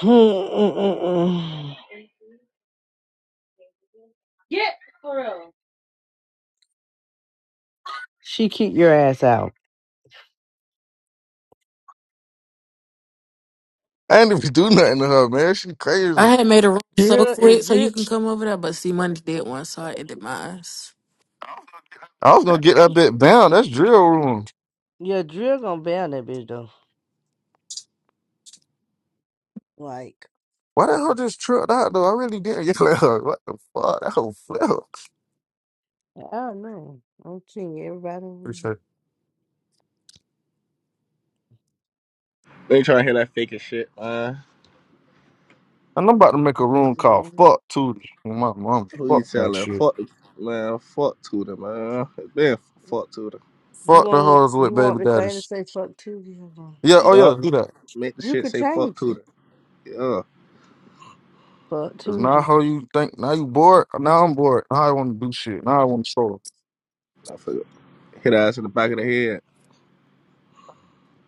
Mm-mm-mm. Get for real. she kick your ass out. I ain't even do nothing to her, man. She I crazy. had made a room so Drill is quick so you drill. can come over there, but see, Monday did one, so I ended mine. I was gonna get that bit bound. That's drill room. Yeah, drill gonna ban that bitch though. Like Why the hell just tripped out though? I really didn't yell at her. What the fuck? That whole flip. I don't know. I'm seeing everybody. Appreciate it. They trying to hear that fake as shit, man. And I'm about to make a room call. Mhm. Fuck Tootie. My mom. Who you Fuck that telling? shit. Fuck, man. Fuck Tudor, man. Man, fuck Tudor. You Fuck the want hoes with you baby want the thing to daddies. say fuck Tuesday? Hold on. Yeah. Oh yeah. Yup. Do that. Make the You shit could say fuck change Tudor. it. Yeah. Fuck Cause now Tuesday. how you think? Now you bored? Now I'm bored. Now I want to do shit. Now I want to solo. I forgot. Hit her ass in the back of the head.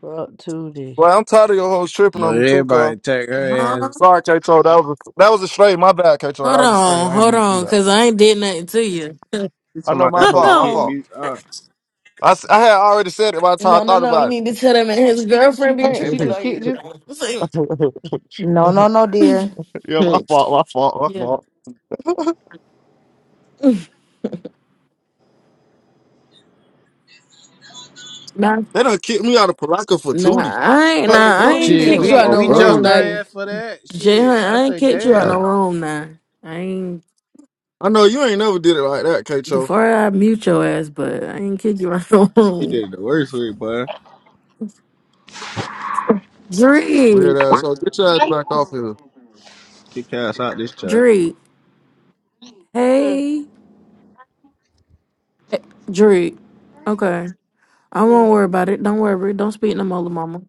Fuck Tuesday. Well, I'm tired of your hoes tripping But on me too, everybody Carl. take her Huh? ass. Sorry, Kato. That was a, that was a stray. My bad, Kato. That Hold was a stray. on, I didn't hold mean to do on, that. because I ain't did nothing to you. She I talking know about my that hold whole fault. My kid fault. on. me. Uh, I, s- I had already said it by the time I No, no, thought no. You about need to tell him and his girlfriend be Hey, it. she tripping just on kicked you. you. See? No, no, no, dear. yeah, my fault, my fault, my yeah. fault. Nah, They done kicked me out of Palaka for nah, Tootie. I ain't, What the Hey, nah, I fuck? Tootie ain't Shit, kicked Yeah. kicked you you out we out that oh, no we room, room. jumped not bro. Like, her Dave. ass for that. Jay Shit, Hunt, I I ain't say, kicked you out no That, damn. room, nah. I ain't, I know you ain't never did it like that, Kato. before I mute your ass, but I ain't kicked you out no she room. did it the worst way, boy. Dree. Weird ass. So get your ass back off here. Kick her ass out this chat. Dree. Mm, Hey. Eh, Dree. Okay. I won't mm, worry about it. Don't worry. Don't speak no more, to mama.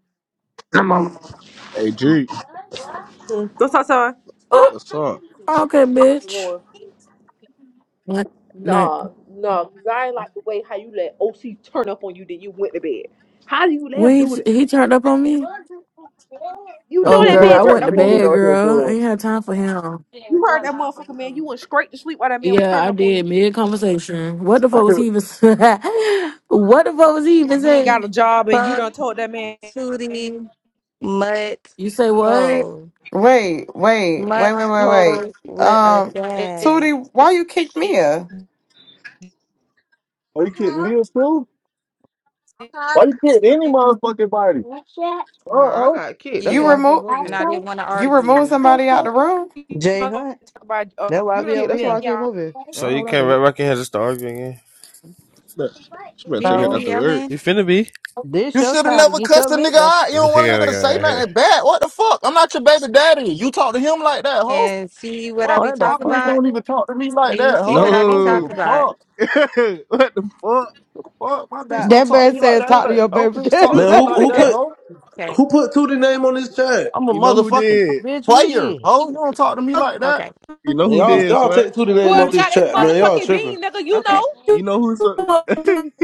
Come on. Hey, G. mm. What's outside? Oh, Stop What's chicken up? eating. okay, bitch. going, What? No. nah, nah, 'cause I ain't like the way how you let OC turn up on you, then you went to bed. How do you let him When do he, that? he turned up I on me? told you to You Oh, know that girl. man I what turned else went to up on people bed, you. out here girl. I doing? ain't had time for him. You chill. heard that motherfucker, man. You went straight to sleep while that man was Yeah, turning I up on did. you. Mid conversation. What the fuck was he even What the fuck was he even You ain't got a saying? job, and you Fuck done told that man. You Tootie Mutt You say what? hoe, Wait, wait, Mutt wait, wait, wait, wait. hoe with a Um, bag. Tootie, why you kicked Mia? Are you kidding me or Huh? still? Why you kidding any motherfucking body? Huh? Nah, I Uh-oh. got kicked. That's You why I You. came removed over And here. I didn't want to you removed argue. somebody out the room? Jay done told- Hunt. talk about uh, I That's why I you got be done kicked. over told That's man, why here. I came yeah. over here. I So don't know you what I can't Red did. Rocket had to start arguing again? Look, She better You take hear her out me No. to work. yelling You finna be. This You your should have time to never get your cussed a nigga lick back. out. You don't Look want a at nigga to say that. nothing bad. What the fuck? I'm not your baby daddy. You talk to him like that, ho. and see what I Fuck, be What the my talking fuck? bitch about? don't even talk to me Or like you that, see what ho. I I be don't give No. a talking about? fuck. what the fuck? Fuck, my bitch Stop. don't That talk to man me like said, that. Ain't talk to like, your no baby bitch talk daddy to Man, me who like like who that, that. put ho. Okay. who put Tootie name on this chat? I'm a You know who motherfucking did? Bitch, we player, did. ho. You don't talk to me like that. Okay. You know Man, who y'all did, y'all swat? take Tootie name off Whoever this got his chat, man. Y'all motherfucking tripping. bean, nigga, you Okay. know, You know who so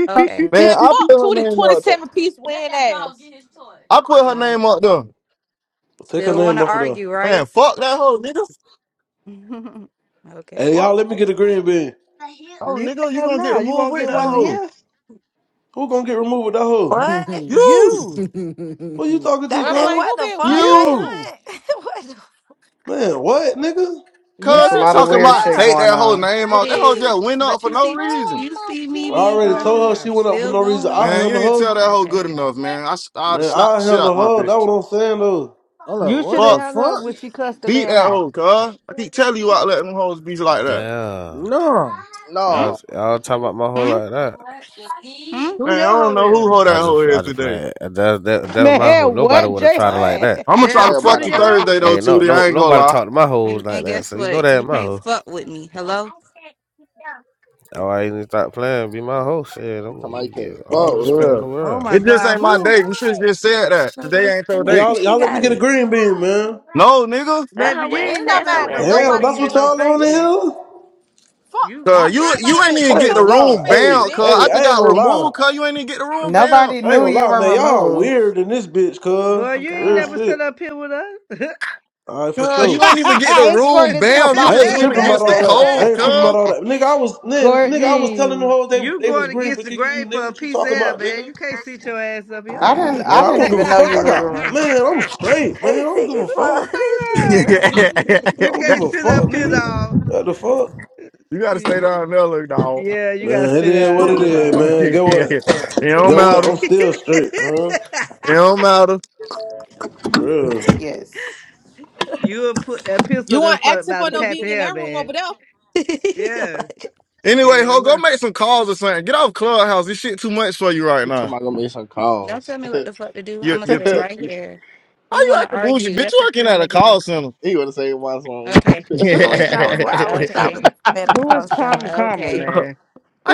Okay. Man, man. I Fuck put her two to name up there. twenty-seven piece You win ass. I put her No, wait. name up there. Take her Still want name to off of there. argue, Man, right? fuck that hoe, nigga. okay. Hey, y'all, Fuck. let me get a green bean. Oh, nigga, you have gonna get now. You removed won't with get that one in No. hoe. here. Who gonna get removed with that hoe? What? You, You. Who you talking That to, Well, nigga, playing cuz? what who the been fuck, Jay weird? you. You. Hunt? what the fuck? Man, what, nigga? That's Cuz a he Yeah, lot of talking nigga, weird about shit take yeah. going that whole on. You name got It off. That hoe is. just went up But for you no see, reason. you see me I being All already right, sit told calm. her she down. You went up for still no reason. going. I Man, you ain't handle her. tell that hoe good Okay. enough, man. I, s- I oughta Man, slap I the shit handle out my her. That's bitch. what I'm saying though. Hold on, You should what have the Fuck. hung her when fuck? she cussed the Beat man that out. hoe, cuz. I keep telling you out letting them hoes be like that. Damn. No. Hmm. Y'all, No, y'all talking about my whole Hmm? like that. Hmm? Who Man, your I don't hoe know is? who hoe I that hoe just, I is just today. playing. That, that, that was my hoe. Man, Nobody what, would have Jay tried it like Hunt? that. I'm gonna try Damn, to two fuck to everybody you your who hoe? Thursday though, Hey, no, Tootie. no, I ain't gonna nobody lie. talked to my hoes And, like and that. guess So you know what? that ain't You my can't hoe. fuck with me. Hello? Oh, I ain't even start playing. Be my hoe. Shit, he I'm talking about he you can't get all the fuck For with respect me. in the real. Oh world. my It just God, ain't my who? day. You should have just said that. no Today ass ain't your in Hey, day. nephew. y'all, She y'all let me got get a it. green bean, man. No, nigga. That's her Baby, you where it Man, it ain't said. don't never That's her matter had where no what it green Damn, said. nobody that's bean they to what no is, y'all on the face yet. bitch. hill? Fuck, You, fuck Cuz you you right. anybody you ain't that even I bitch. ain't get the gonna Don't lie. room disrespect me, Hey, bound, cuz bitch. I hey, just I ain't got gonna lie. removed, cuz you ain't even get the room bound. Nobody I ain't knew gonna you lie, were man. Y'all removed. weird in this bitch, cuz. Boy, Oh you ain't Real never God. sat shit. up here with us. Alright, for Cuz you sure. ain't even get the it's room Courtney talking bound. You I about you just ain't went ain't tripping never about against the all said that. I code, ain't tripping cuz. about all that. that. Nigga, I was nigga, nigga, I you, was telling them Courtney. hoes they you they was going green against for the kicking you, grain for nigga. a What you piece of talking hell, about, man. nigga? You can't sit your ass up here. I didn't Man, I I didn't don't give a even know fuck. you I was got removed. man, I'm straight, man. They I don't sick give a as Oh fuck. fuck. This shit you my crazy. god! I you don't give can't a sit up fuck, here, nigga. dog. What the fuck? gotta stay down Yeah, there, look dog. you gotta They Man, it sit is sick as down what it there, is, dog. man. Get what? it don't Get what? matter. I'm still straight, man. It don't matter. Real. Yes. You would put that You pistol want that's for, asking about for to no pat the being in hair, that fuck. room over man. there? Yeah, Anyway, yeah. I ho, go know. make some calls or something. Get off Clubhouse. This shit too much for you right He talking now. about gonna make some Don't calls. tell me what the fuck to do. You're, I'ma you're sit too. right here. How You you wanna acting bougie? argue. Bitch, That's you what you working at a wanna do. call center. he wanna say one song. Okay. I How wish I was. I wish I Okay. was looking at a Who is call center. Karma Karma, Okay. man?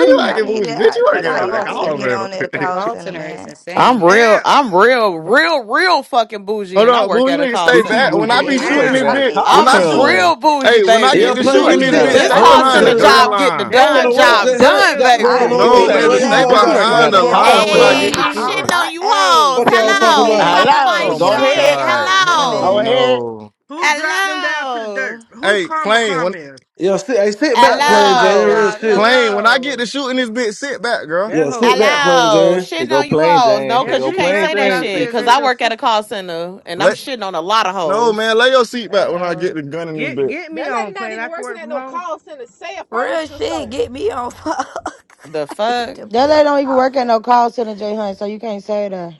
you Toot, I acting need bougie? it. Bitch, I, you A Toot, working how at you? a call I need to call get center. center. on at a A call call center, center is man. I'm insane. real Damn, I'm real, real, real fucking bougie Hold and I on, work boo, you at a need to call stay Bitch, you back. center. When moved And I be away. it I You is. shooting need, damn. working this I at a bitch, need call when I'm I a shoot, plain. center. real bougie, hey, when I get Yeah, baby. to Bitch, Mm, you playing. You shooting You working hear this at sit bitch, a back me? This stay call call home, behind the center cause gun center. job get the line. I That's don't done your know what Yeah, sister. job Jay That Hunt ain't done, your got sister. I going yeah. is baby. it? You need Bitch, on, to No, hear you get but at boy, baby, on me? at stay a bougie. y'all Bitch, you call got working center, behind at life the a man. fucked What call line the You up, when I hear boy. fuck? Hey, get center. to I'm me? I, shitting shooting. on you I, hoes. hey, Fuck y'all You hear talking Hello. about. me? hey, Popping I need my Hello, to Oh get my go shit. on at a ahead, God. call center, Oh go man. Hello. ahead. no. Who dropped them down to the Hello. dirt? Who Hey, Karma plane. When Karma is? Yeah, sit, hey, sit I back love playing, my Jane. Real Hello. job. shit. Plain, when I get to Hello. shooting this bitch, sit back, girl. That Yeah, hoe sit back left. playing, Hello. Jane. He Shitting go on you plain hoes. Jane. No, He And because go you she can't plain say left when that Jane I with shit. this said, Because that's I shit. your work at a sister? call center and I'm Let shitting on a lot of no man, hoes. lay your seat back when I get Hello. the gun in this Get bitch. get me That lady on not plane. even I can working work at from no home. call center, say a Real furniture shit, store. get me on. Fuck. The I need fuck? to That lady build don't a even call work at no center. call center, Jay Hunt, so you can't say that.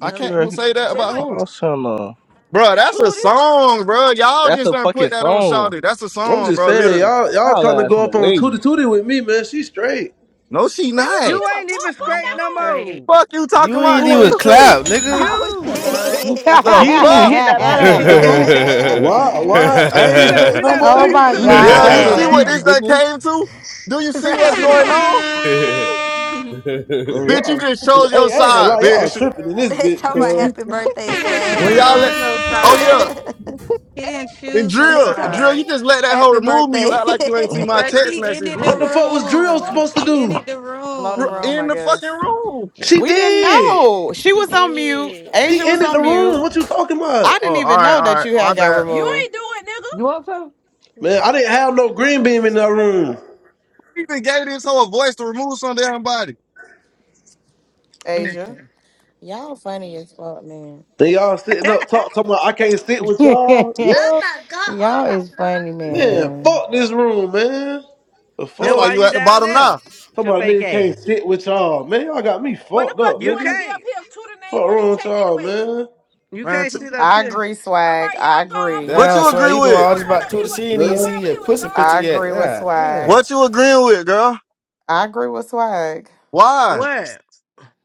I Bitch, you can't working Hello. say that Just about at hunt a who's. call center. Bro, that's a tootie. song, bro. Y'all That's just a done fucking put that on song. Shawty. That's a I'm song, just bro. saying, Literally. y'all, y'all Y'all trying to ass in go the up on Tootie way. Tootie with me, man. She straight. No, she Man, we don't not. You give a ain't even fuck. I Fuck straight that am no hoe. straight. more. Fuck you talking You about, ain't Who even ain't nigga. straight? clap, nigga. Oh You. Hello. The You didn't shit. even fuck? hit that ass, nigga. Hello. Why? Why? I Then we ain't not they straight we no talk not he threw oh more. you about you my to You the ain't need to straight Yeah, no clap you wolves, no see God. what man. cheeks, this more. thing nigga. came to? Do you see Your what's going Bro, on? Man, Bitch, you y'all just tripping. chose your Hey, I ain't gonna side, lie, y'all bitch. tripping in this they bitch, talk You- about cause you- happy birthday didn't cho- When swag. y'all chose let, no oh side. yeah, they He didn't and choose no drill, talk about. drill, you side. just let that hoe Happy remove me. You birthday. act like you ain't see my Bruh, text she message ended the what the either. fuck was Drill room. supposed to She do? ended the Blow the ru- room, room. in I the fucking guess. room. She We didn't did. know. She She was on mute. did. She Asia was ended the on room. mute. What you talking about? I didn't Oh, all even right, know all that right. you My had got bad. You removed, ain't do it, You nigga. want some? Man, I didn't have no green beam in that room. You even gave this whole voice to remove some damn body. Asia. Y'all funny as fuck, man. And y'all sitting up talk, talking about I can't sit with y'all. Yeah. Y'all is funny, Man, man. fuck this room, man. The That's Then why fuck? why you you at the down bottom there now, with Talking your about fake nigga ass? can't sit with y'all. Man, y'all got me What the fucked fuck up, you You wanna nigga. be can't. up here with Tudor name Fuck on this wrong with chat y'all, anyways? man. You man. can't t- sit up I here. agree, All swag. right, y'all. I I'm going. I'm agree. going What Damn, over you so here. agree you doing with? all I'm this going about over two to here with. see and you I'm ain't Yeah. going seen over your here with pussy picture I Zaria. yet. agree with Yeah, yeah. swag. What you agreeing with, girl? I agree with Swag. Why, What?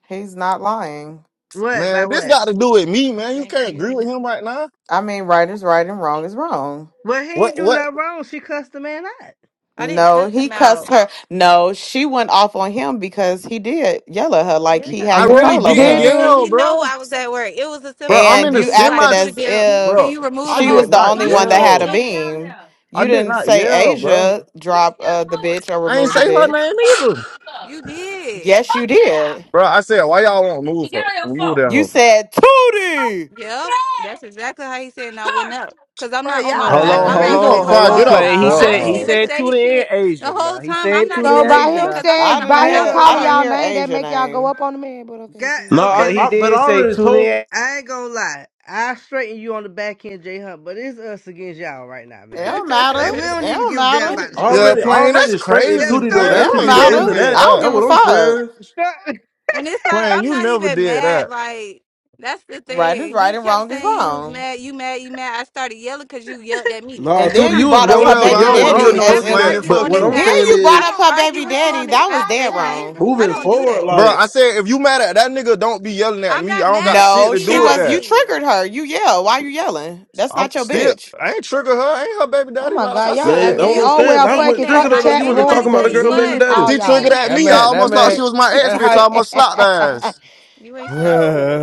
He's not lying. What? By man? This what? got to do with me, man. You Thank can't agree with you. him right now. I mean, right is right and wrong is wrong. Well, he What? ain't do What? nothing wrong. She cussed the man out. I didn't No, cuss he him cussed out. her. No, she went off on him because he did yell at her like Yeah, he I had like, really Whoop control over didn't dee her. and yell, doo. he know bro. I was at work. It was a Bro, simple play. I'm And in the Then you you be like, acted semi, to the as bill. Can bro. if you remove I the she whole? did was the not only You one that went had a yell. in. beam. I You did didn't not say yell, bro. Asia drop uh, the bitch or I ain't remove the say her bitch. name either, You did. Yes, you did. bro. I said, why y'all won't move her? Move that You hoe. said Tootie. Yep, that's exactly how he said, and I went up because I'm Bro, not on my y'all Hold phone, so on, I'm Man, if hold not you aggravating gonna knowing on, as what's hold cry, on, get going fuck, on. off plane. He dog. I said ain't he clubhouse. even said say tune in shit the Asian. Now whole he time. I'm said not tune in So even by Asian listening him now. because I'm trying I saying, to didn't hop by I ain't him out hear. the gonna I calling didn't lie. car. y'all hear name, that Asia make y'all go name. up on the man. But okay, God, keep No, going. I, okay, But he I but listen. I did say already tune told in. I ain't gonna lie. I straighten you on the back end, J Hunt, but it's us against y'all right now, It man. don't Like matter. we It don't even don't give a damn matter. about the and Yeah, story, already man. plain that's already straight in Yeah, the crazy, Tootie though. It story plain. That You don't should don't be ain't even the matter. never matter end of right did that. I now, don't that. That's give a what man. I'm fuck. saying. The story- it's like plain. I'm you not never even did mad. that. Like that's the Right is thing. right He and kept wrong is saying you was wrong. mad, you mad, you mad. I started yelling because you yelled at me. Nah, And I'm Tootie, then not. you you was brought Yo, up Yeah, her wrong for whatever. Jay baby I don't Hunt, yelling. I when wanna do hear daddy already we no as ever told you if explaining. that. argue But on Fuck what this I'm you. then app? saying you I brought is up don't her argue baby with you on daddy. this That was app, Jay dead Hunt. wrong. I Moving don't do forward, that. Bro, like I said if you mad at that nigga, don't be yelling at I'm me. not I don't mad got at shit No, to do she with was you that. anybody. triggered her. You yell. Why you yelling? That's I'm not your still bitch. I ain't trigger her. I ain't her baby Oh daddy my like like God, I y'all man, I said. And don't aggravated. you Oh keep understand. well, That's saying what fucking that. fuck triggered the her though. Like, chat, You the ain't wasn't room, nobody talking about the the say you girl, baby was. beam, Stop daddy. all She triggered saying y'all. at That that. me. I man, that almost thought man, she was my ex that bitch. I height. almost slapped her ass. Mm-hmm. You ain't slap shit.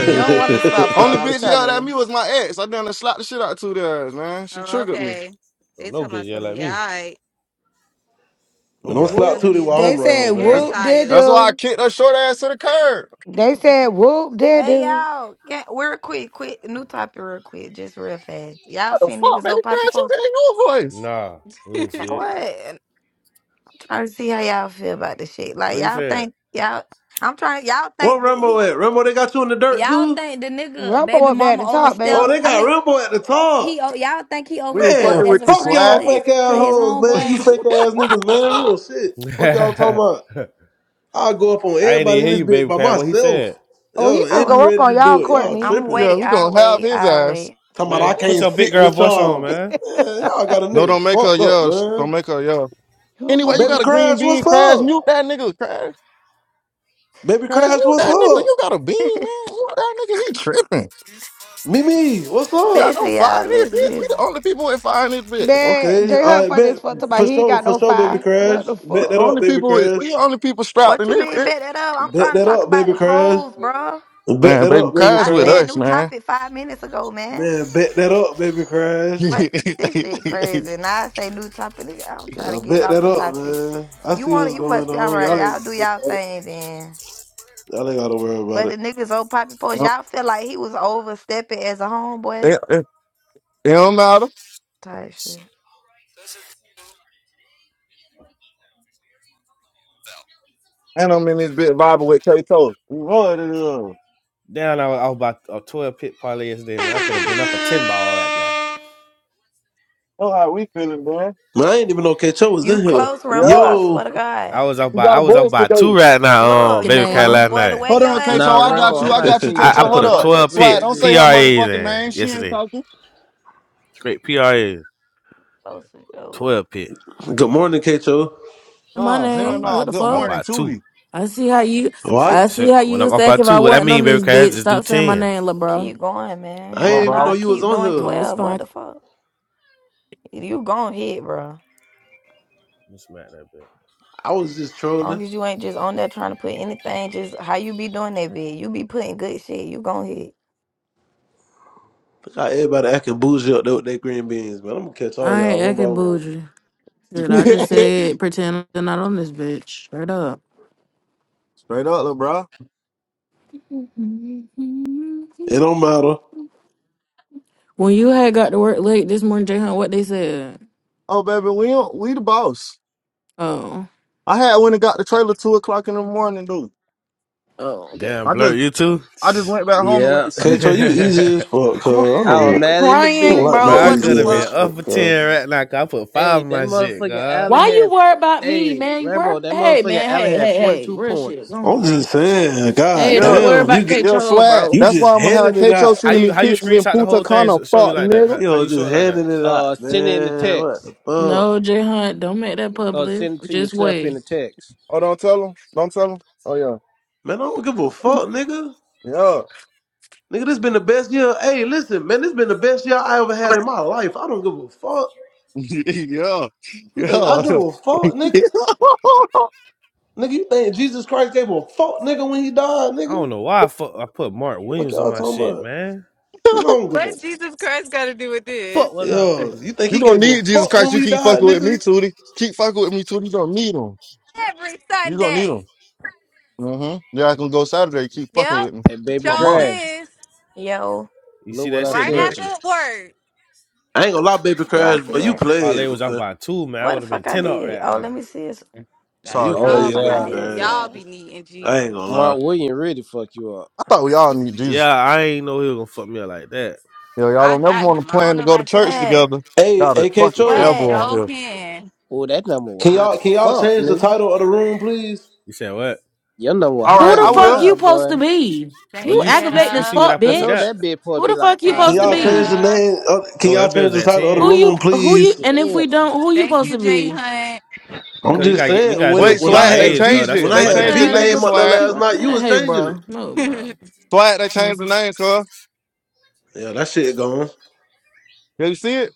You don't want to slap Only her, I'm bitch yelled telling at me you. was my ex. I done slapped the shit out of two of their ass, man. She Oh, triggered me. okay. They Don't know tell me bitch yet something. like Yeah, me. all right. man, You'll don't Nobody. be slap Whoop. under Tootie these while I'm They said motherfucking wrong, Aaron That's man. whoop dee tires. that's why I doo. kicked her short ass to the curb. They said whoop dee hey, doo. y'all. Yeah, are quick, quick. New topic, real quick. Just real fast. Y'all the seen fuck, niggas baby old poppy crash? Who post? gave you a voice? Nah, we ain't see what it. What? I'm trying to see how y'all feel about this shit. Like, What he y'all said? think, y'all, I'm trying, y'all Where think that Rambo he, at? Rambo, they got you in the dirt y'all too. think the nigga Rumpo baby up there at mama the top, Oh, overstepped? baby. they I got mean, Rambo at the top. he, oh, y'all think he We ain't overstepped fucking Man, with as a you, fuck friend y'all slap. to his, fake ass to his hoes, man. You homeboy? fake ass niggas, man. yeah, Real shit. Fuck y'all talking I about. I'll go up on ain't everybody even in hear this you, bitch baby by crab. What he myself. said? Oh, he Yo, I finna and be was, go up ready on to y'all, do it. Y'all Courtney. I'm tripping. wait, we I gonna have wait, his I ass. wait. Talking about I Man, put can't your big sit girl with voice on, y'all. But man. man, y'all got a No, nigga don't make her fucked up, yell. Sh- man. Don't make her yell. oh Anyway, my you Baby got a God. green Crash, bean, what's crash. up? Mute that nigga, crash. Baby Crash, Crash, mute what's that nigga. up? You got a bean, man. Mute that nigga. He tripping. Mimi, what's You got up? no Listen, fire y'all, in this listen, bitch. We the listen. only people with fire in this bitch. Man, Okay, Jay Hunt I funny bet as fuck. to my for he ain't sure, got for no sure, baby fire. Crash. What the We Bet the that up, only fuck? baby people with, Crash. we the only people strapped What in you this mean bitch. bet that up? I'm Bet trying to that talk up, about baby the Crash. polls, bro. Bet Man, that baby, up, baby crash I with Crash. said us, new man. topic five minutes ago, man. Man, bet that up, baby Crash. What this shit crazy. Now I say new topic. nigga, I'm trying to Yeah, get it bet off that the up, topic. man. I You see want what's it? You going must be all on. right. Y'all ain't Y'all gotta do worry y'all about it. thing then. Y'all ain't gotta worry about But the it. niggas old poppy post, y'all feel like he was overstepping as a homeboy it, it, it don't matter. type shit. And I'm in this bit vibing with K Toast. What it is? Down, I was, I was about a twelve pit parlay yesterday, man. I could have been up a ten ball right now. Know how we feeling, man. Man, I ain't even know K-Cho was You in here. close, Rumbo. Yeah. I swear Yo. to I God. was up You by got I a was up voice by two today. right now, um, Look, you baby crab close, name, last boy. The night. way Hold your on, ass, you Kato. Nah, I Rambo, got I'm you. close. I about to got you, see you I, I Kato. put Good Hold something. a up. Watch 12 look Swag, pit at don't this. say her PRAs motherfucking name. in She ain't yesterday. talking. Straight PRAs, Close to go. 12 pit. morning, K-Cho. my Nah, I'm hell name. about, no. What the Good I'm fuck? morning about to two. you, I see how you. Why? See, I see so how when you I'm was up by acting. If I two, what I wasn't mean, on baby, this cause I bitch, just do stop saying my 10. name, lil' bro. Keep going, man. I little Hell ain't even know nah. bro. you was Keep on doing here. Oh, it's twelve. What fine. the fuck? You go ahead, bro. let smack that bitch. I was just trolling. Long as you ain't just on there trying to put anything, just how you be doing that vid. You be putting good shit. You go ahead. Look how everybody acting bougie up there with their green beans, man. I'm gonna catch all I y'all ain't one by acting one. bougie. Shit, I just said Straight pretend I'm not on this bitch. Straight up. up, little bro. When It don't matter. you had got to work late this morning, Jayhan, what they said? Oh, baby, we don't- we the boss. Oh. I had went and got the trailer two o'clock in the morning, dude. Oh, okay. Damn, I blur, just you too? I just went back home and went Yeah. to sleep. Kato, you easy as fuck, cuz. Cr- I I don't, was mad in the I don't crying, like bitch. Bro, no bro. I What could the easy have been ass fuck? up shit, for cuz. 10 right now, 'Cause I put Hey, five in that my shit, motherfucking God. Allen Why you had worry about me, hey, man? You worry. Rambo, that Hey, motherfucking man. Allen Hey, had hey, forty hey. two Real shit. Go points. on, I'm bro. just saying, god Hey, Yeah, don't worry damn, you about get, K. yeah, Cho, swag. bro. you That's just why I'm gonna handing have it Kato out. How sending you me how you pictures in screenshot the Punta whole thing? Cana, so- Show you fuck like that? nigga. How, You how know, you just show it like that? handing it out, Uh send in the man. What text. the fuck? No, J. Hunt. Don't make that Okay. Uh, public. send it to Just yourself in wait. the text. Oh, don't tell him. Don't tell him. Oh Man, I don't give a fuck, nigga. yeah, yeah. Nigga, this been the best year. Hey, listen, man, this been the best year I ever had in my life. I don't give a fuck. yeah, You think I yeah. give a fuck, you nigga? Nigga, you think Jesus Christ gave a fuck, nigga, when he died, I nigga? don't know why I, fuck, I put Mark What Williams on y'all my talking shit, about? man. I don't give a Jesus Christ got to do with Fuck, this? what was I Yo, thinking? you think he gonna gave a need Jesus fuck Christ. when You we keep died, fucking with me, nigga? Tootie. Keep fucking with me, Tootie. You gonna need him. Every You gonna need him. Sunday. Mm-hmm. Yeah, I can go Saturday. Keep fucking Yep. with me. Hey, baby My Joel mom. Crash, is Yo, You see look what that I shit, right blur? sent after you. word. I ain't gonna lie, Baby do I Crash, see but you what? Parlay played, was off bro. by two, man. I What the would have been fuck I ten up did? right Oh, let now. me see. This. That Man, you Sorry, be dude. Oh, What the y'all played, fuck I Baby yeah. problem. did? Crash. Y'all Swag, be needing I ain't Jesus. gonna lie. Mark William really fuck you up. I thought we all It's need Jesus. Yeah, I ain't know he was gonna fuck me up like that. You y'all I don't never got want him. to I don't plan to know go to about church you. swag, together. Hey, Y'all the AK fucking Yep. Cho, devil swag. on Joel here. can. Oh, that number was can high y'all as can y'all fuck, change the nigga. title of the room, please? You said what? Your number was All Who right, higher the I than fuck will. you mine, supposed to boy. be? Oh, You Thank you you aggravating you as see you. what I fuck, I posted know got? bitch. that bitch Who probably the be like fuck you Can five supposed Thank to y'all bears. change the be? you. name? Of, can No, y'all that bill change was the at title of the Who ten. you? room, Who you? please? And if Damn. we don't, who you Thank supposed you, to Jay be? Hunt. I'm Cause you just gotta get you saying, gotta when do Wait, them it when I Swag, they had PRAs, cause V changed that's when it. where the I They money had changed the at. V Man, name, nigga, name up there fuck Swag. last you, night, you man. was Hey, changing it. bro. No, bro. Hold Swag, they changed the Must- name, cuz. Yeah, that shit gone. Did you see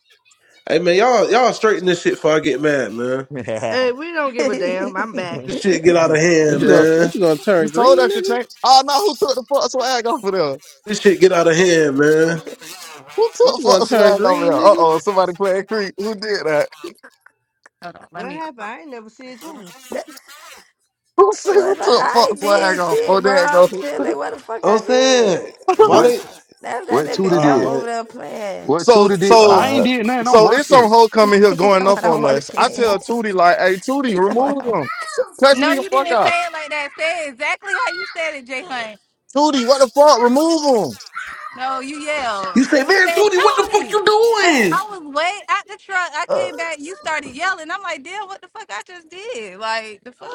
Hey man, y'all y'all straighten this shit before I get mad, man. hey, it? we don't give a damn. I'm back. This shit get out of that What hand, you yeah. gonna What man. you gonna You turn told green, us to nigga? change. Oh no, who took the fuck swag off of there? This shit get out of hand, man. Who What took you gonna fuck turn swag off of green, there? Uh nigga? oh, somebody playing creep. Who did that? on, let What me. happened? I ain't never see it too. Who said who was I, took I fuck ain't swag did off? Oh, shit, bro. there it goes. I'm chilling. What the fuck I'm I saying, did? why What they? That's that what nigga Tudor Elp did? over Alright, there playing. What so Tudor did? I so ain't alright. did nothing. I'm so it's some working. hoe coming here He talking going up about I'm on us. I working. tell Tootie like, hey Tootie, He talking remove about him. Catch No, me the you fuck didn't out. say it like that. Say it exactly how you said it, Jay Hunt. Tootie, what the fuck? Remove him. No, you yelled. You say, You man, said Tony, what the fuck Tony. you Cause doing? I was way at the truck. I I'm came back. You started yelling. I'm like, damn, what the fuck I just did? Like the fuck.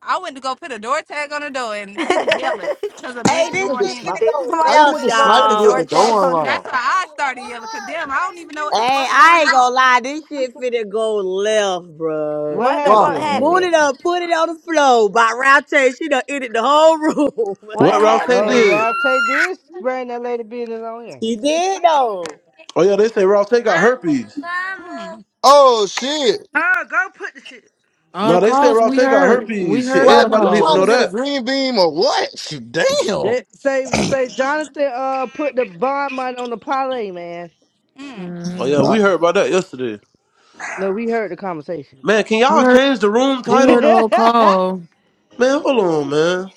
I went to go put a door tag on the door, and people yelling working. cause a Hey, bitch this going Nigga shit in. snipe. She finna talking go about How you I left, went nigga to go put a snipers with door y'all. the tag door on the That's unlocked? why door. I started yelling. Cause damn, I don't even know what the Hey, fuck I going ain't gonna lie, this shit finna go left, bro. What What the Why? fuck happened? Moon happened? it up, put it on the floor. By Route, she done ended the whole room. What What Rouse on. Oh, happened? did? Ralph Tay did bring that lady business on him. she did though. Oh yeah, they say Rouse got herpes. Mm, Oh shit. Oh, go put the shit. All No, the they said calls Rouse we got heard. We herpes. Shit, heard all Swag, the everybody you need to trying to know calls. get a that. green beam or what? Damn. That, say, say Jonathan uh put the bond money on the parlay, man. mm, Oh yeah, Mm. we heard about that yesterday. No, we heard the conversation. Man, can We y'all heard change the room we heard title? the whole call. Man, hold on, man.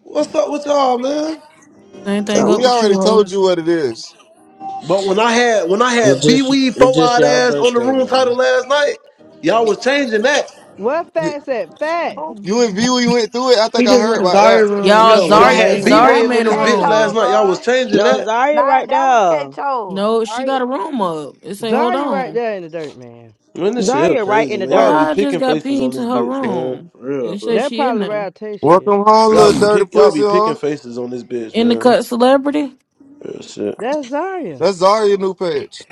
What's up with y'all, man? Same And thing up we with already you, ho. told you what it is. But when I had when I It had B just Weed It four just eyed y'all ass on the birthday, room title man. last night, y'all was changing that. what facts at facts? Who? You and V, we went through it. I think He I just heard went to about mm. Zarya that. room You because Y'all, know, she when I just Zari had made B one. That Zari name was on made a this K bitch last Cho, room. night, y'all was bro. changing No, that. Zaria Nah, right that was K there. Cho. No, she Zaria, got a room up. It say, hold Zarya right on. there in the dirt, man. Man, this shit here Zaria right crazy, in the man. Well, Y'all be dirt. how I just picking got faces pinged on to this her bitch, man. room. For real, It say bro. That she in probably there. Ralph Tay shit. Welcome home, Y'all little be dirty pick y'all pussy, be picking huh? faces on this bitch, In the man. cut celebrity. Real shit. That's Zarya. That's Zarya new page.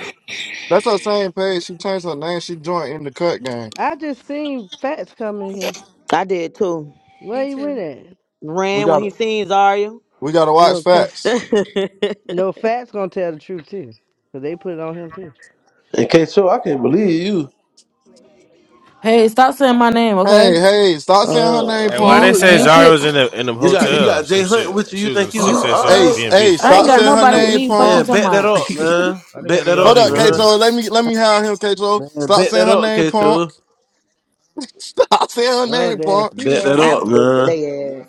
That's her same page. She changed her name. She joined in the cut game. I just seen facts come in here. I did too. Where Me you went too. at? We Ran got when to he seen Zaria. we gotta watch No, cu- facts. no facts gonna tell the truth too. Cause they put it on him too. And K Cho, I can't believe you. Hey, stop saying my name, Hey, okay? hey, stop saying her oh, name, And why they You punk. say you Zara pick was in the in the You got you hotel? got Jay Some Hunt shit. with you. You She was in, think she you you said she was Hey, in all right, B s- and B. hey, I ain't stop got saying oh her nobody with shit. name, me. Fuck punk. you man? talking Bet that about. up, man. Why they got Bet that all Hold up, these up, man. rooms? Kato. Let me let me have him, Kato. Man, Stop bet saying that her up, name, K punk. Cho. Stop saying her Oh name, damn, punk. she Bet that down up, there. Aggravated with man. they ass.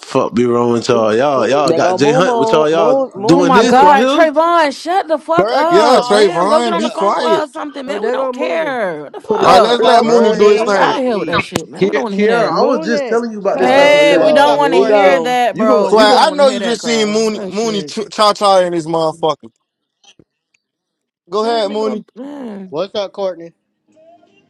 Fuck be wrong with y'all. Y'all, y'all They go got Jay moon Hunt with moon y'all. Y'all moon moon Oh doing it my moon this it. right god, here. Trayvon, shut the fuck Girl, get yeah, up. Daria Damn, over go get Trayvon, on the be here. phone with quiet. her or something, Oh, man. We there don't go Mooney. care. What the Put it All on right, the let's fuck? let floor, Mooney Girl, do they his done Fuck Mooney. out thing. of blocked here with that me. shit, man. We don't Ki- want to hear Kiara, that. I was just Mooney, telling you about this hush. type Oh of Hey, we shit. What's don't Lord, up, want here to we hear Courtney? go. that, You bro. gon' you We Swag, gon' don't I want to know hear you that, just cuz. seen Mooney That Mooney shit. cha cha in his motherfucker. Go Man, ahead, Mooney. nigga, man. What's up, Courtney?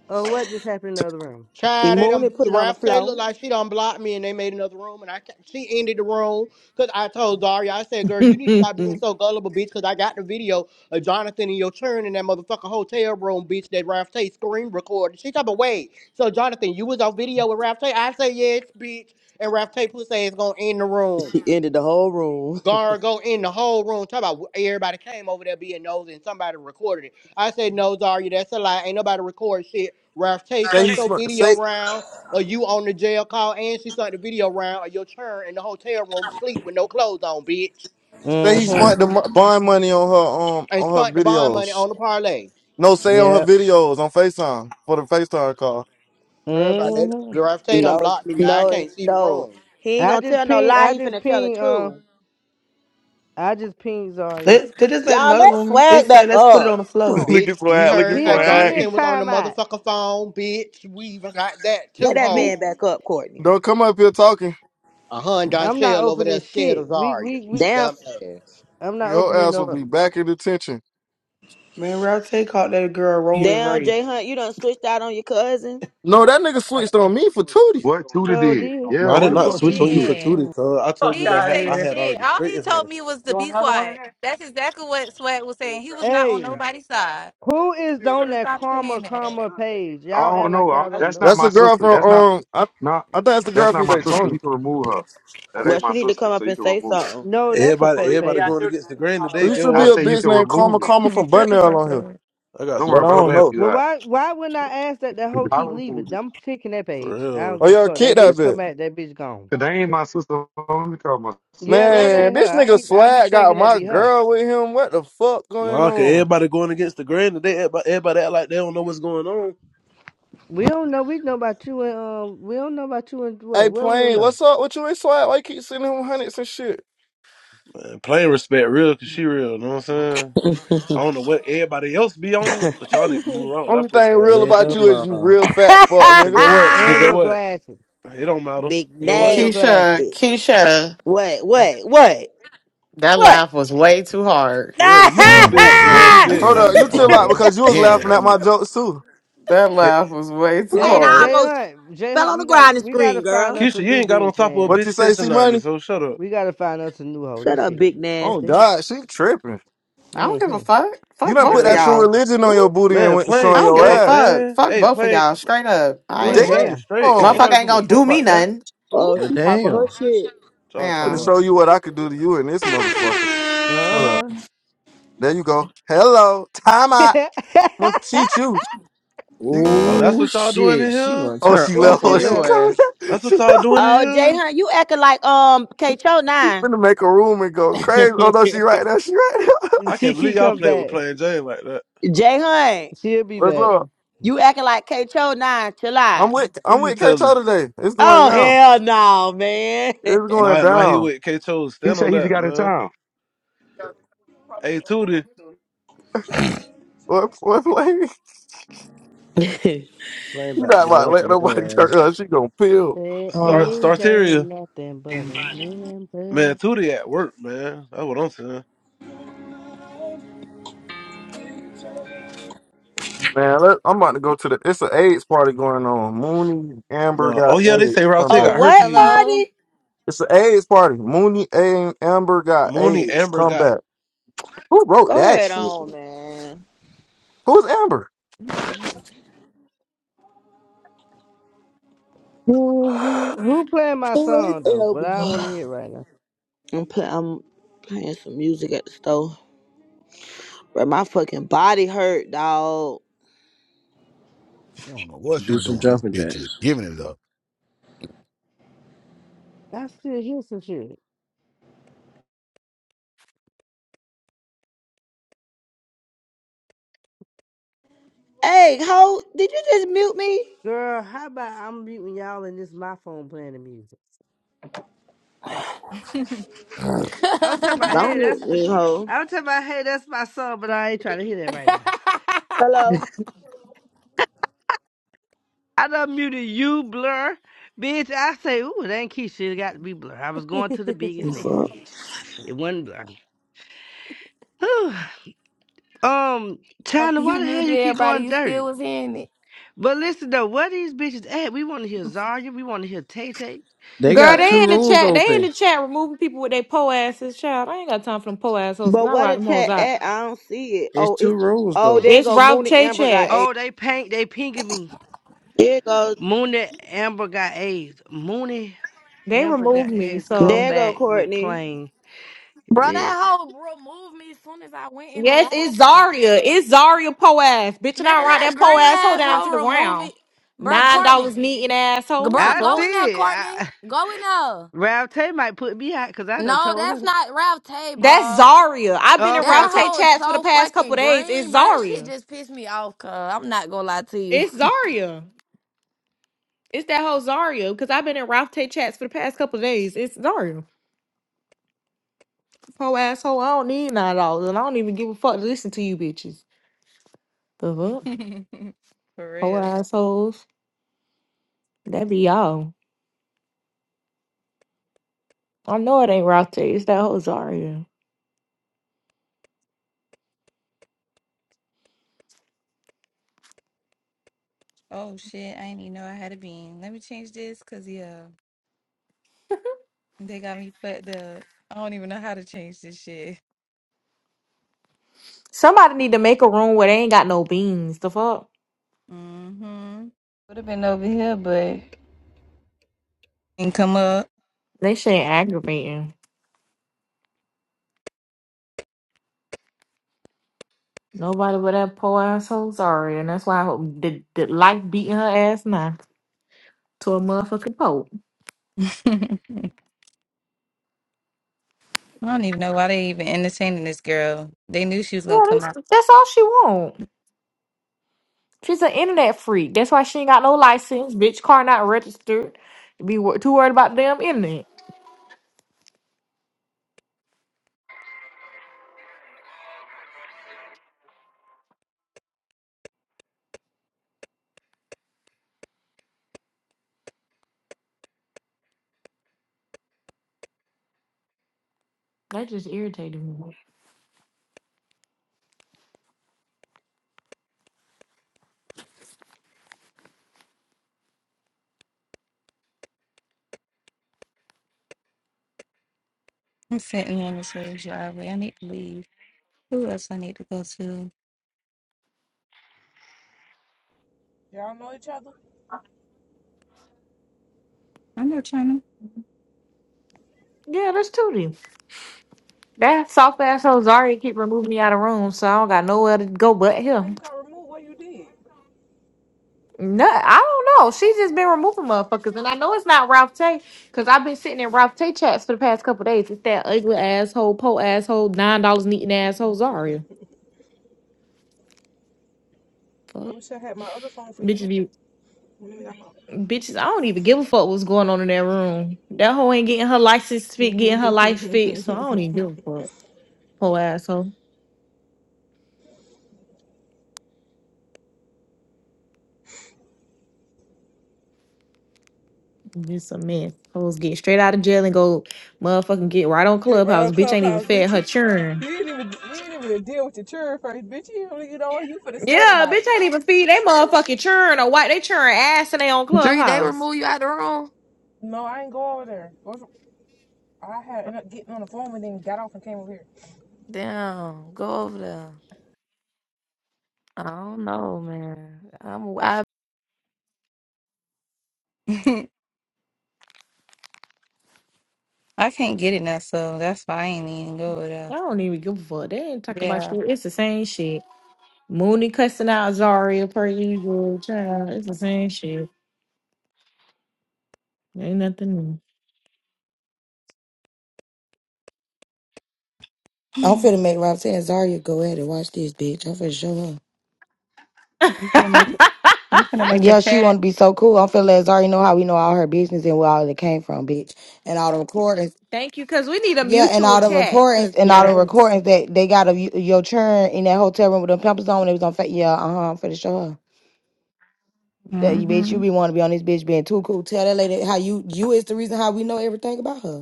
Oh, what just happened in the other room? Child, they Mooney done, put the it on the Ralph Taylor, look floor. like she done blocked me and they made another room and I, ca- she ended the room because I told Daria, I said, girl, you need to stop being so gullible, bitch, because I got the video of Jonathan and your turn in that motherfucking hotel room, bitch, that Ralph Tay screen recorded. She talking about, wait, so Jonathan, you was on video with Ralph Tay? I say, yes, bitch, and Ralph Tay pussy is gonna end the room. She ended the whole room. Gargo in the whole room Talk about everybody came over there being nosy and somebody recorded it. I said, no, Zarya, that's a lie. Ain't nobody record shit. Ralph Tay Say he sent your smart. video Say round, or you on the jail call, and she sent the video round, or your churn in the hotel room sleep with no clothes on, bitch. say he smart Mm-hmm. the Mm. mo- bond money on her um And on her spent the bond money videos. on the parlay. No, say on her Yep. videos on Facetime for the Facetime call. Everybody, that Mm-hmm. Ralph Tay done no, blocked me. Now I no, can't see the no. room. He ain't I gonna just tell no ping. lie. I He just finna tell the ping. Um. truth. I just ping Zarya. Let, they just made Y'all, another let room. It swag back said, let's put it up. on the floor. look Bitch, at we swag. Look at heard He how on. He swag. in Jonathan was on the timeout. motherfucker phone, bitch. We even got that Let too, that ho. He. man back up, Courtney. Don't come up here talking. A hun Don I'm not Shell over there opening scared shit. of We. Zarya. We. We. They Damn, dumb ass. I'm not Your opening ass no. will be room. back in detention. Man, Route Tay caught that girl rolling damn, right. Jay Hunt, you done switched out on your cousin. No, that nigga switched on me for Tootie. What Tudor So did? D. Yeah, Man, I what did No, the not he fuck switch Tudor on you for did? didn't. Tootie, cuz I He told Fuck you that didn't out ha- say I here. had shit. already All he straightened told her. me was to You want be another one quiet. That's exactly what Sweat was saying. He was not on Hey. nobody's side. Who is on So that stop karma saying that. karma page? I Y'all don't act like know. I, y'all don't that's know. not That's my the girl sister. from That's not um I not I think that's the girl that's not from my sister. Daytona. You can remove her. That Well, ain't she my need to sister, come so up you and can say remove it. something. No, that's a Everybody, Oh fake yeah, everybody yeah, I page. going do against tonight. the That's grain all over today. You Get should I be what? a say you bitch can named Karma remove it. Karma from Shut the Bunnell fuck on here. I got Don't worry But something I about it. for I'm don't gonna that help know. you Well, out. why why wouldn't I ask that that hoe I keep removed leaving? it. I'm picking that for page. I don't real. Oh, give a y'all fuck. That bitch it kidnapped it. come out. That bitch gone. Cause they ain't my sister. I'm going call my Yeah, sister. that Man, ain't her. this I nigga keep I be Swag got thinking that my be her. girl with him. What the fuck going Nah, cause on? everybody going against the grain today. Everybody, everybody act like they don't know what's going on. We don't know. We know about you and um. We don't know about you and Hey, what? Well, we don't Plain, know. what's up with you and Swag? Why you keep sending him hundreds and shit? Man, plain respect, real, cause she real. You Know what I'm saying? I don't know what everybody else be on, but y'all need to move around with that Only thing pussy ass real shit. about Yeah, you up. is ma. you real fat fuck, Cause nigga. get what? Cause And get your what? glasses. It don't matter. Big Get And what? your glasses. Keisha, nasty. Keisha, What? What? What? that laugh was way too hard. For real, you She So too don't know big. what, You plan? what too What? she big Hold trying to up, be doing. you I chill funny, out hold ho. it, because you was Fuck giving wrong it laughing with at up. my you? jokes too. That He- laugh was way too Played Hey, I hard. Jay almost Hunt. Jay fell Hunt. on the We ground got and we got to screamed, find girl. us a Keisha, you new ain't got on bitch, top of a man. What bitch you say, since the C money? nineties. So shut up, We got to find us a new hoe. Shut This up, shit big is Oh, crazy. nasty. God, she tripping. I don't give a Mm-hmm. fuck. You Fuck done put both of that man. true y'all. religion on your Ooh. booty and Man, went and I plain I showing don't your give a straight, ass. fuck. man. Fuck Hey, both of plain, y'all. Straight up. I Ooh. Damn! plain ain't Jane Damn. straight. I'm Nobody Motherfucker ain't give a gonna fuck do me about that. nothing. Oh, Well, Ooh. she popping damn. her shit. What y'all talking finna Yeah. about? show you what I could do to you and this motherfucker. Hold up. Uh There you go. Hello. Time out. I'm gonna huh. teach you. you. Oh, that's Ooh, what y'all doing in shit. She here. gonna Oh, turn she Oh, left. up she Oh, on she your left. ass. coming. Down. That's what She y'all doing in Oh, Jay here. Hunt, you acting like um K Cho I'm nine. finna make a room and go crazy. Oh no, she Jay right now. She right now. I She can't believe keep y'all coming played with back. plain Jane like that. Hunt, She'll be What's back. up? you acting like K Cho nine. Chill I'm out. with Who I'm you with K Cho telling? today. It's going Oh down. hell no, man. It's going Nah, nah, he down. with K. Chose. He Stand on said he just that, got in man. town. Probably Hey, ain't gonna go Tootie, with it, though. What what lady? Flame You about not to about to go up let on nobody your turn ass. her. She gonna peel. Said start oh. AJ ain't Starteria. nothing but a Man, Man, number. Tootie at work, man. That's what I'm saying. let, I'm about to go to the. It's an AIDS party going on. Mooney Amber Uh, oh got yeah, they say AIDS. Route Come Ten oh, back. got what herpes. Hello? party? It's an AIDS party. Mooney and Amber got Mooney AIDS. Amber Come got back. Who wrote Go that ahead shit? on, man. Who's Amber? Who, who who playing my Who is song though? But I don't want to Elba? hear it right now. I'm play, I'm playing some music at the store. But my fucking body hurt, dog. She don't know what she Do some doing. This jumping bitch is jacks. giving it up. I still hear some shit. Hey, ho, did you just mute me? Girl, how about I'm muting y'all and this my phone playing the music? I was talking about, Don't hey, that's mute the, me, ho. I was talking about, hey, that's my song, but I ain't trying to hear that right now. Hello. I done muted you, Blur. Bitch, I say, ooh, it ain't Keisha. It got to be Blur. I was going to the biggest What's next, up? bitch. It wasn't Blur. Um, China, After why you the hell muted you keep everybody, going you still dirty? was hearing it. But listen though, where these bitches at? We want to hear Zarya. We want to hear Tay Tay. They Girl, got two Really? they in the rooms chat. They in open. the chat removing people with their po asses. Child, I ain't got time for them po assholes because But I where ride the them hoes chat out. at? I don't see it. It's Oh, two it's rooms oh though. there It's go Ralph Mooney Che Amber got chat. eight. Oh, they paint. They pinging me. There goes. Mooney Amber got AIDS. Mooney They Amber got removed me, AIDS. Come so There go back with Courtney. plane. Bro, Yeah. that hoe removed me as soon as I went in the yes, it's room. Zaria. It's Zaria po ass, bitch, and Man, I ride that that po green asshole down to asshole the removed ground. me. Bro, Nine Courtney. dollars neat an asshole. Bro, The I go fuck? in see there, it. Courtney. I, Go in there. Rav Tay might put me out because I done No, told that's her. not Ralph Tay, That's bro. Zaria. I've been in Okay, okay. Ralph That Tay hoe is chats for the so past couple fucking days. It's green, bro. That shit Zaria. just pissed me off, cuz. I'm not gonna lie to you. It's Zaria. It's that whole Zaria because I've been in Ralph Tay chats for the past couple days. It's Zaria. Poor asshole, I don't need nine dollars, and I don't even give a fuck to listen to you bitches. The fuck? For Poor real. assholes. That be y'all. I know it ain't Route it's that whole Zarya. Oh shit, I didn't even know I had a bean. Let me change this because yeah, they got me fucked up. I don't even know how to change this shit. Somebody need to make a room where they ain't got no beans. The fuck? Mm-hmm. Would have been over here, but didn't come up. They shit ain't aggravating. Nobody but that poor asshole Zarya, and that's why I hope the, the life beating her ass now to a motherfucking pope. I don't even know why they even entertaining this girl. They knew she was gonna Yeah, come that's, out. that's all she want. She's an internet freak. That's why she ain't got no license. Bitch car not registered. Be wor- too worried about damn internet. That just irritated me. I'm sitting on this little driveway. I need to leave. Who else I need to go to? Y'all know each other. I know China. Yeah, that's Tootie. That soft asshole Zarya keep removing me out of rooms, so I don't got nowhere to go but Why him. you got removed? What you did? No, I don't know. She's just been removing motherfuckers, and I know it's not Ralph Tay because I've been sitting in Ralph Tay chats for the past couple days. It's that ugly asshole, po asshole, nine dollars needing asshole Zarya. I Fuck. wish I had my other phone for you. Bitches be Let me bitches. I don't even give a fuck what's going on in that room. That hoe ain't getting her license know. fit, getting her life fixed, so I don't even give a fuck. Po asshole. Just a mess. Hoes get straight out of jail and go motherfucking get right on Get right on clubhouse. Bitch ain't even clubhouse, fed bitch. her churn. You ain't even you ain't even deal with your church first, bitch. You only get on you for the state of Yeah, night. bitch ain't even feed they motherfucking churn or white they churn ass and they on Dree, they clubhouse. remove you out the room? No, I ain't go over there. I had ended up getting on the phone and then got off and came over here. Damn, go over there. I don't know, man. I'm, I I can't get it now, so that's why I ain't even go with her. I don't even give a fuck. They ain't talk about Yeah. shit. It's the same shit. Mooney cussing out Zaria per usual. Child, it's the same shit. Ain't nothing new. I'm finna you make Roxanne and Zaria go at it. Watch this, bitch. I'm finna show her. finna make it, you finna make a Yeah, she want chat? to be so cool. I'm finna let Zaria know how we know all her business and where all it came from, bitch. And all the recordings. Thank you, cause we need a Yeah, and mutual all the chat. Cause recordings and all yeah, the Yes. recordings that they got of you, your churn in that hotel room with them pampers on when it was on. Fa- yeah, uh huh. I'm finna show her that you bitch. You Mm-hmm. be want to be on this bitch being too cool. Tell that lady how you you is the reason how we know everything about her.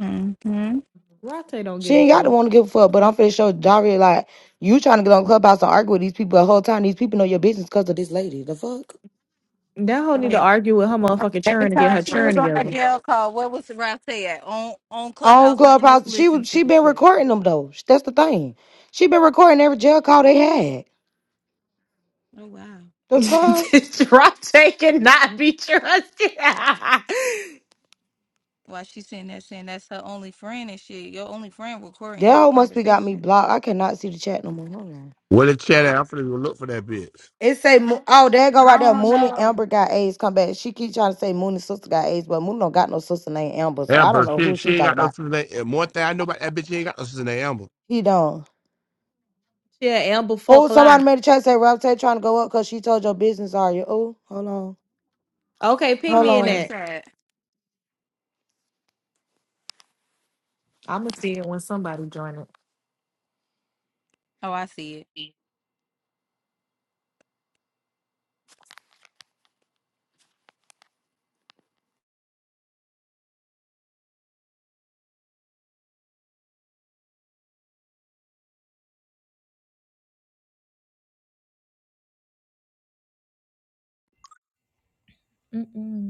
Mm-hmm. Rate don't She give a ain't got the fuck. one to give a fuck, but I'm finna show Daria like you trying to get on Clubhouse and argue with these people the whole time. These people know your business because of this lady. The fuck That hoe need to Wait, argue with her motherfucking Every churn to get time her she churn was on A the together. jail call. What was Rousey at? On on on Clubhouse letting us Clubhouse, she listen was to she the been truth. recording them though. That's the thing. She been recording every jail call they had. Oh wow. The fuck, Drop take and not be trusted. yeah, Why she sitting there saying that's her only friend and shit. Your only friend recording y'all Dell must be got me conversation. blocked. I cannot see the chat no more. Hold on. Well, the chat out. I'm finna go look for that bitch. It say Mo- oh there go I right there. don't Moon and know. Amber got AIDS. Come back. She keep trying to say Moon and sister got AIDS, but Moon don't got no sister named Amber, so I don't Amber, know she, who she she ain't talking got no about. sister named And One thing I know about that bitch, she ain't got no sister named Amber. He don't. Amber Oh, fuck lie. somebody made a chat say Rob Tay trying to go up because she told your business are you. Oh, hold on. Okay, Hold ping Hold on, me in on. where's that. that? I'ma see it when somebody join Oh, I see it. it. Mm-mm.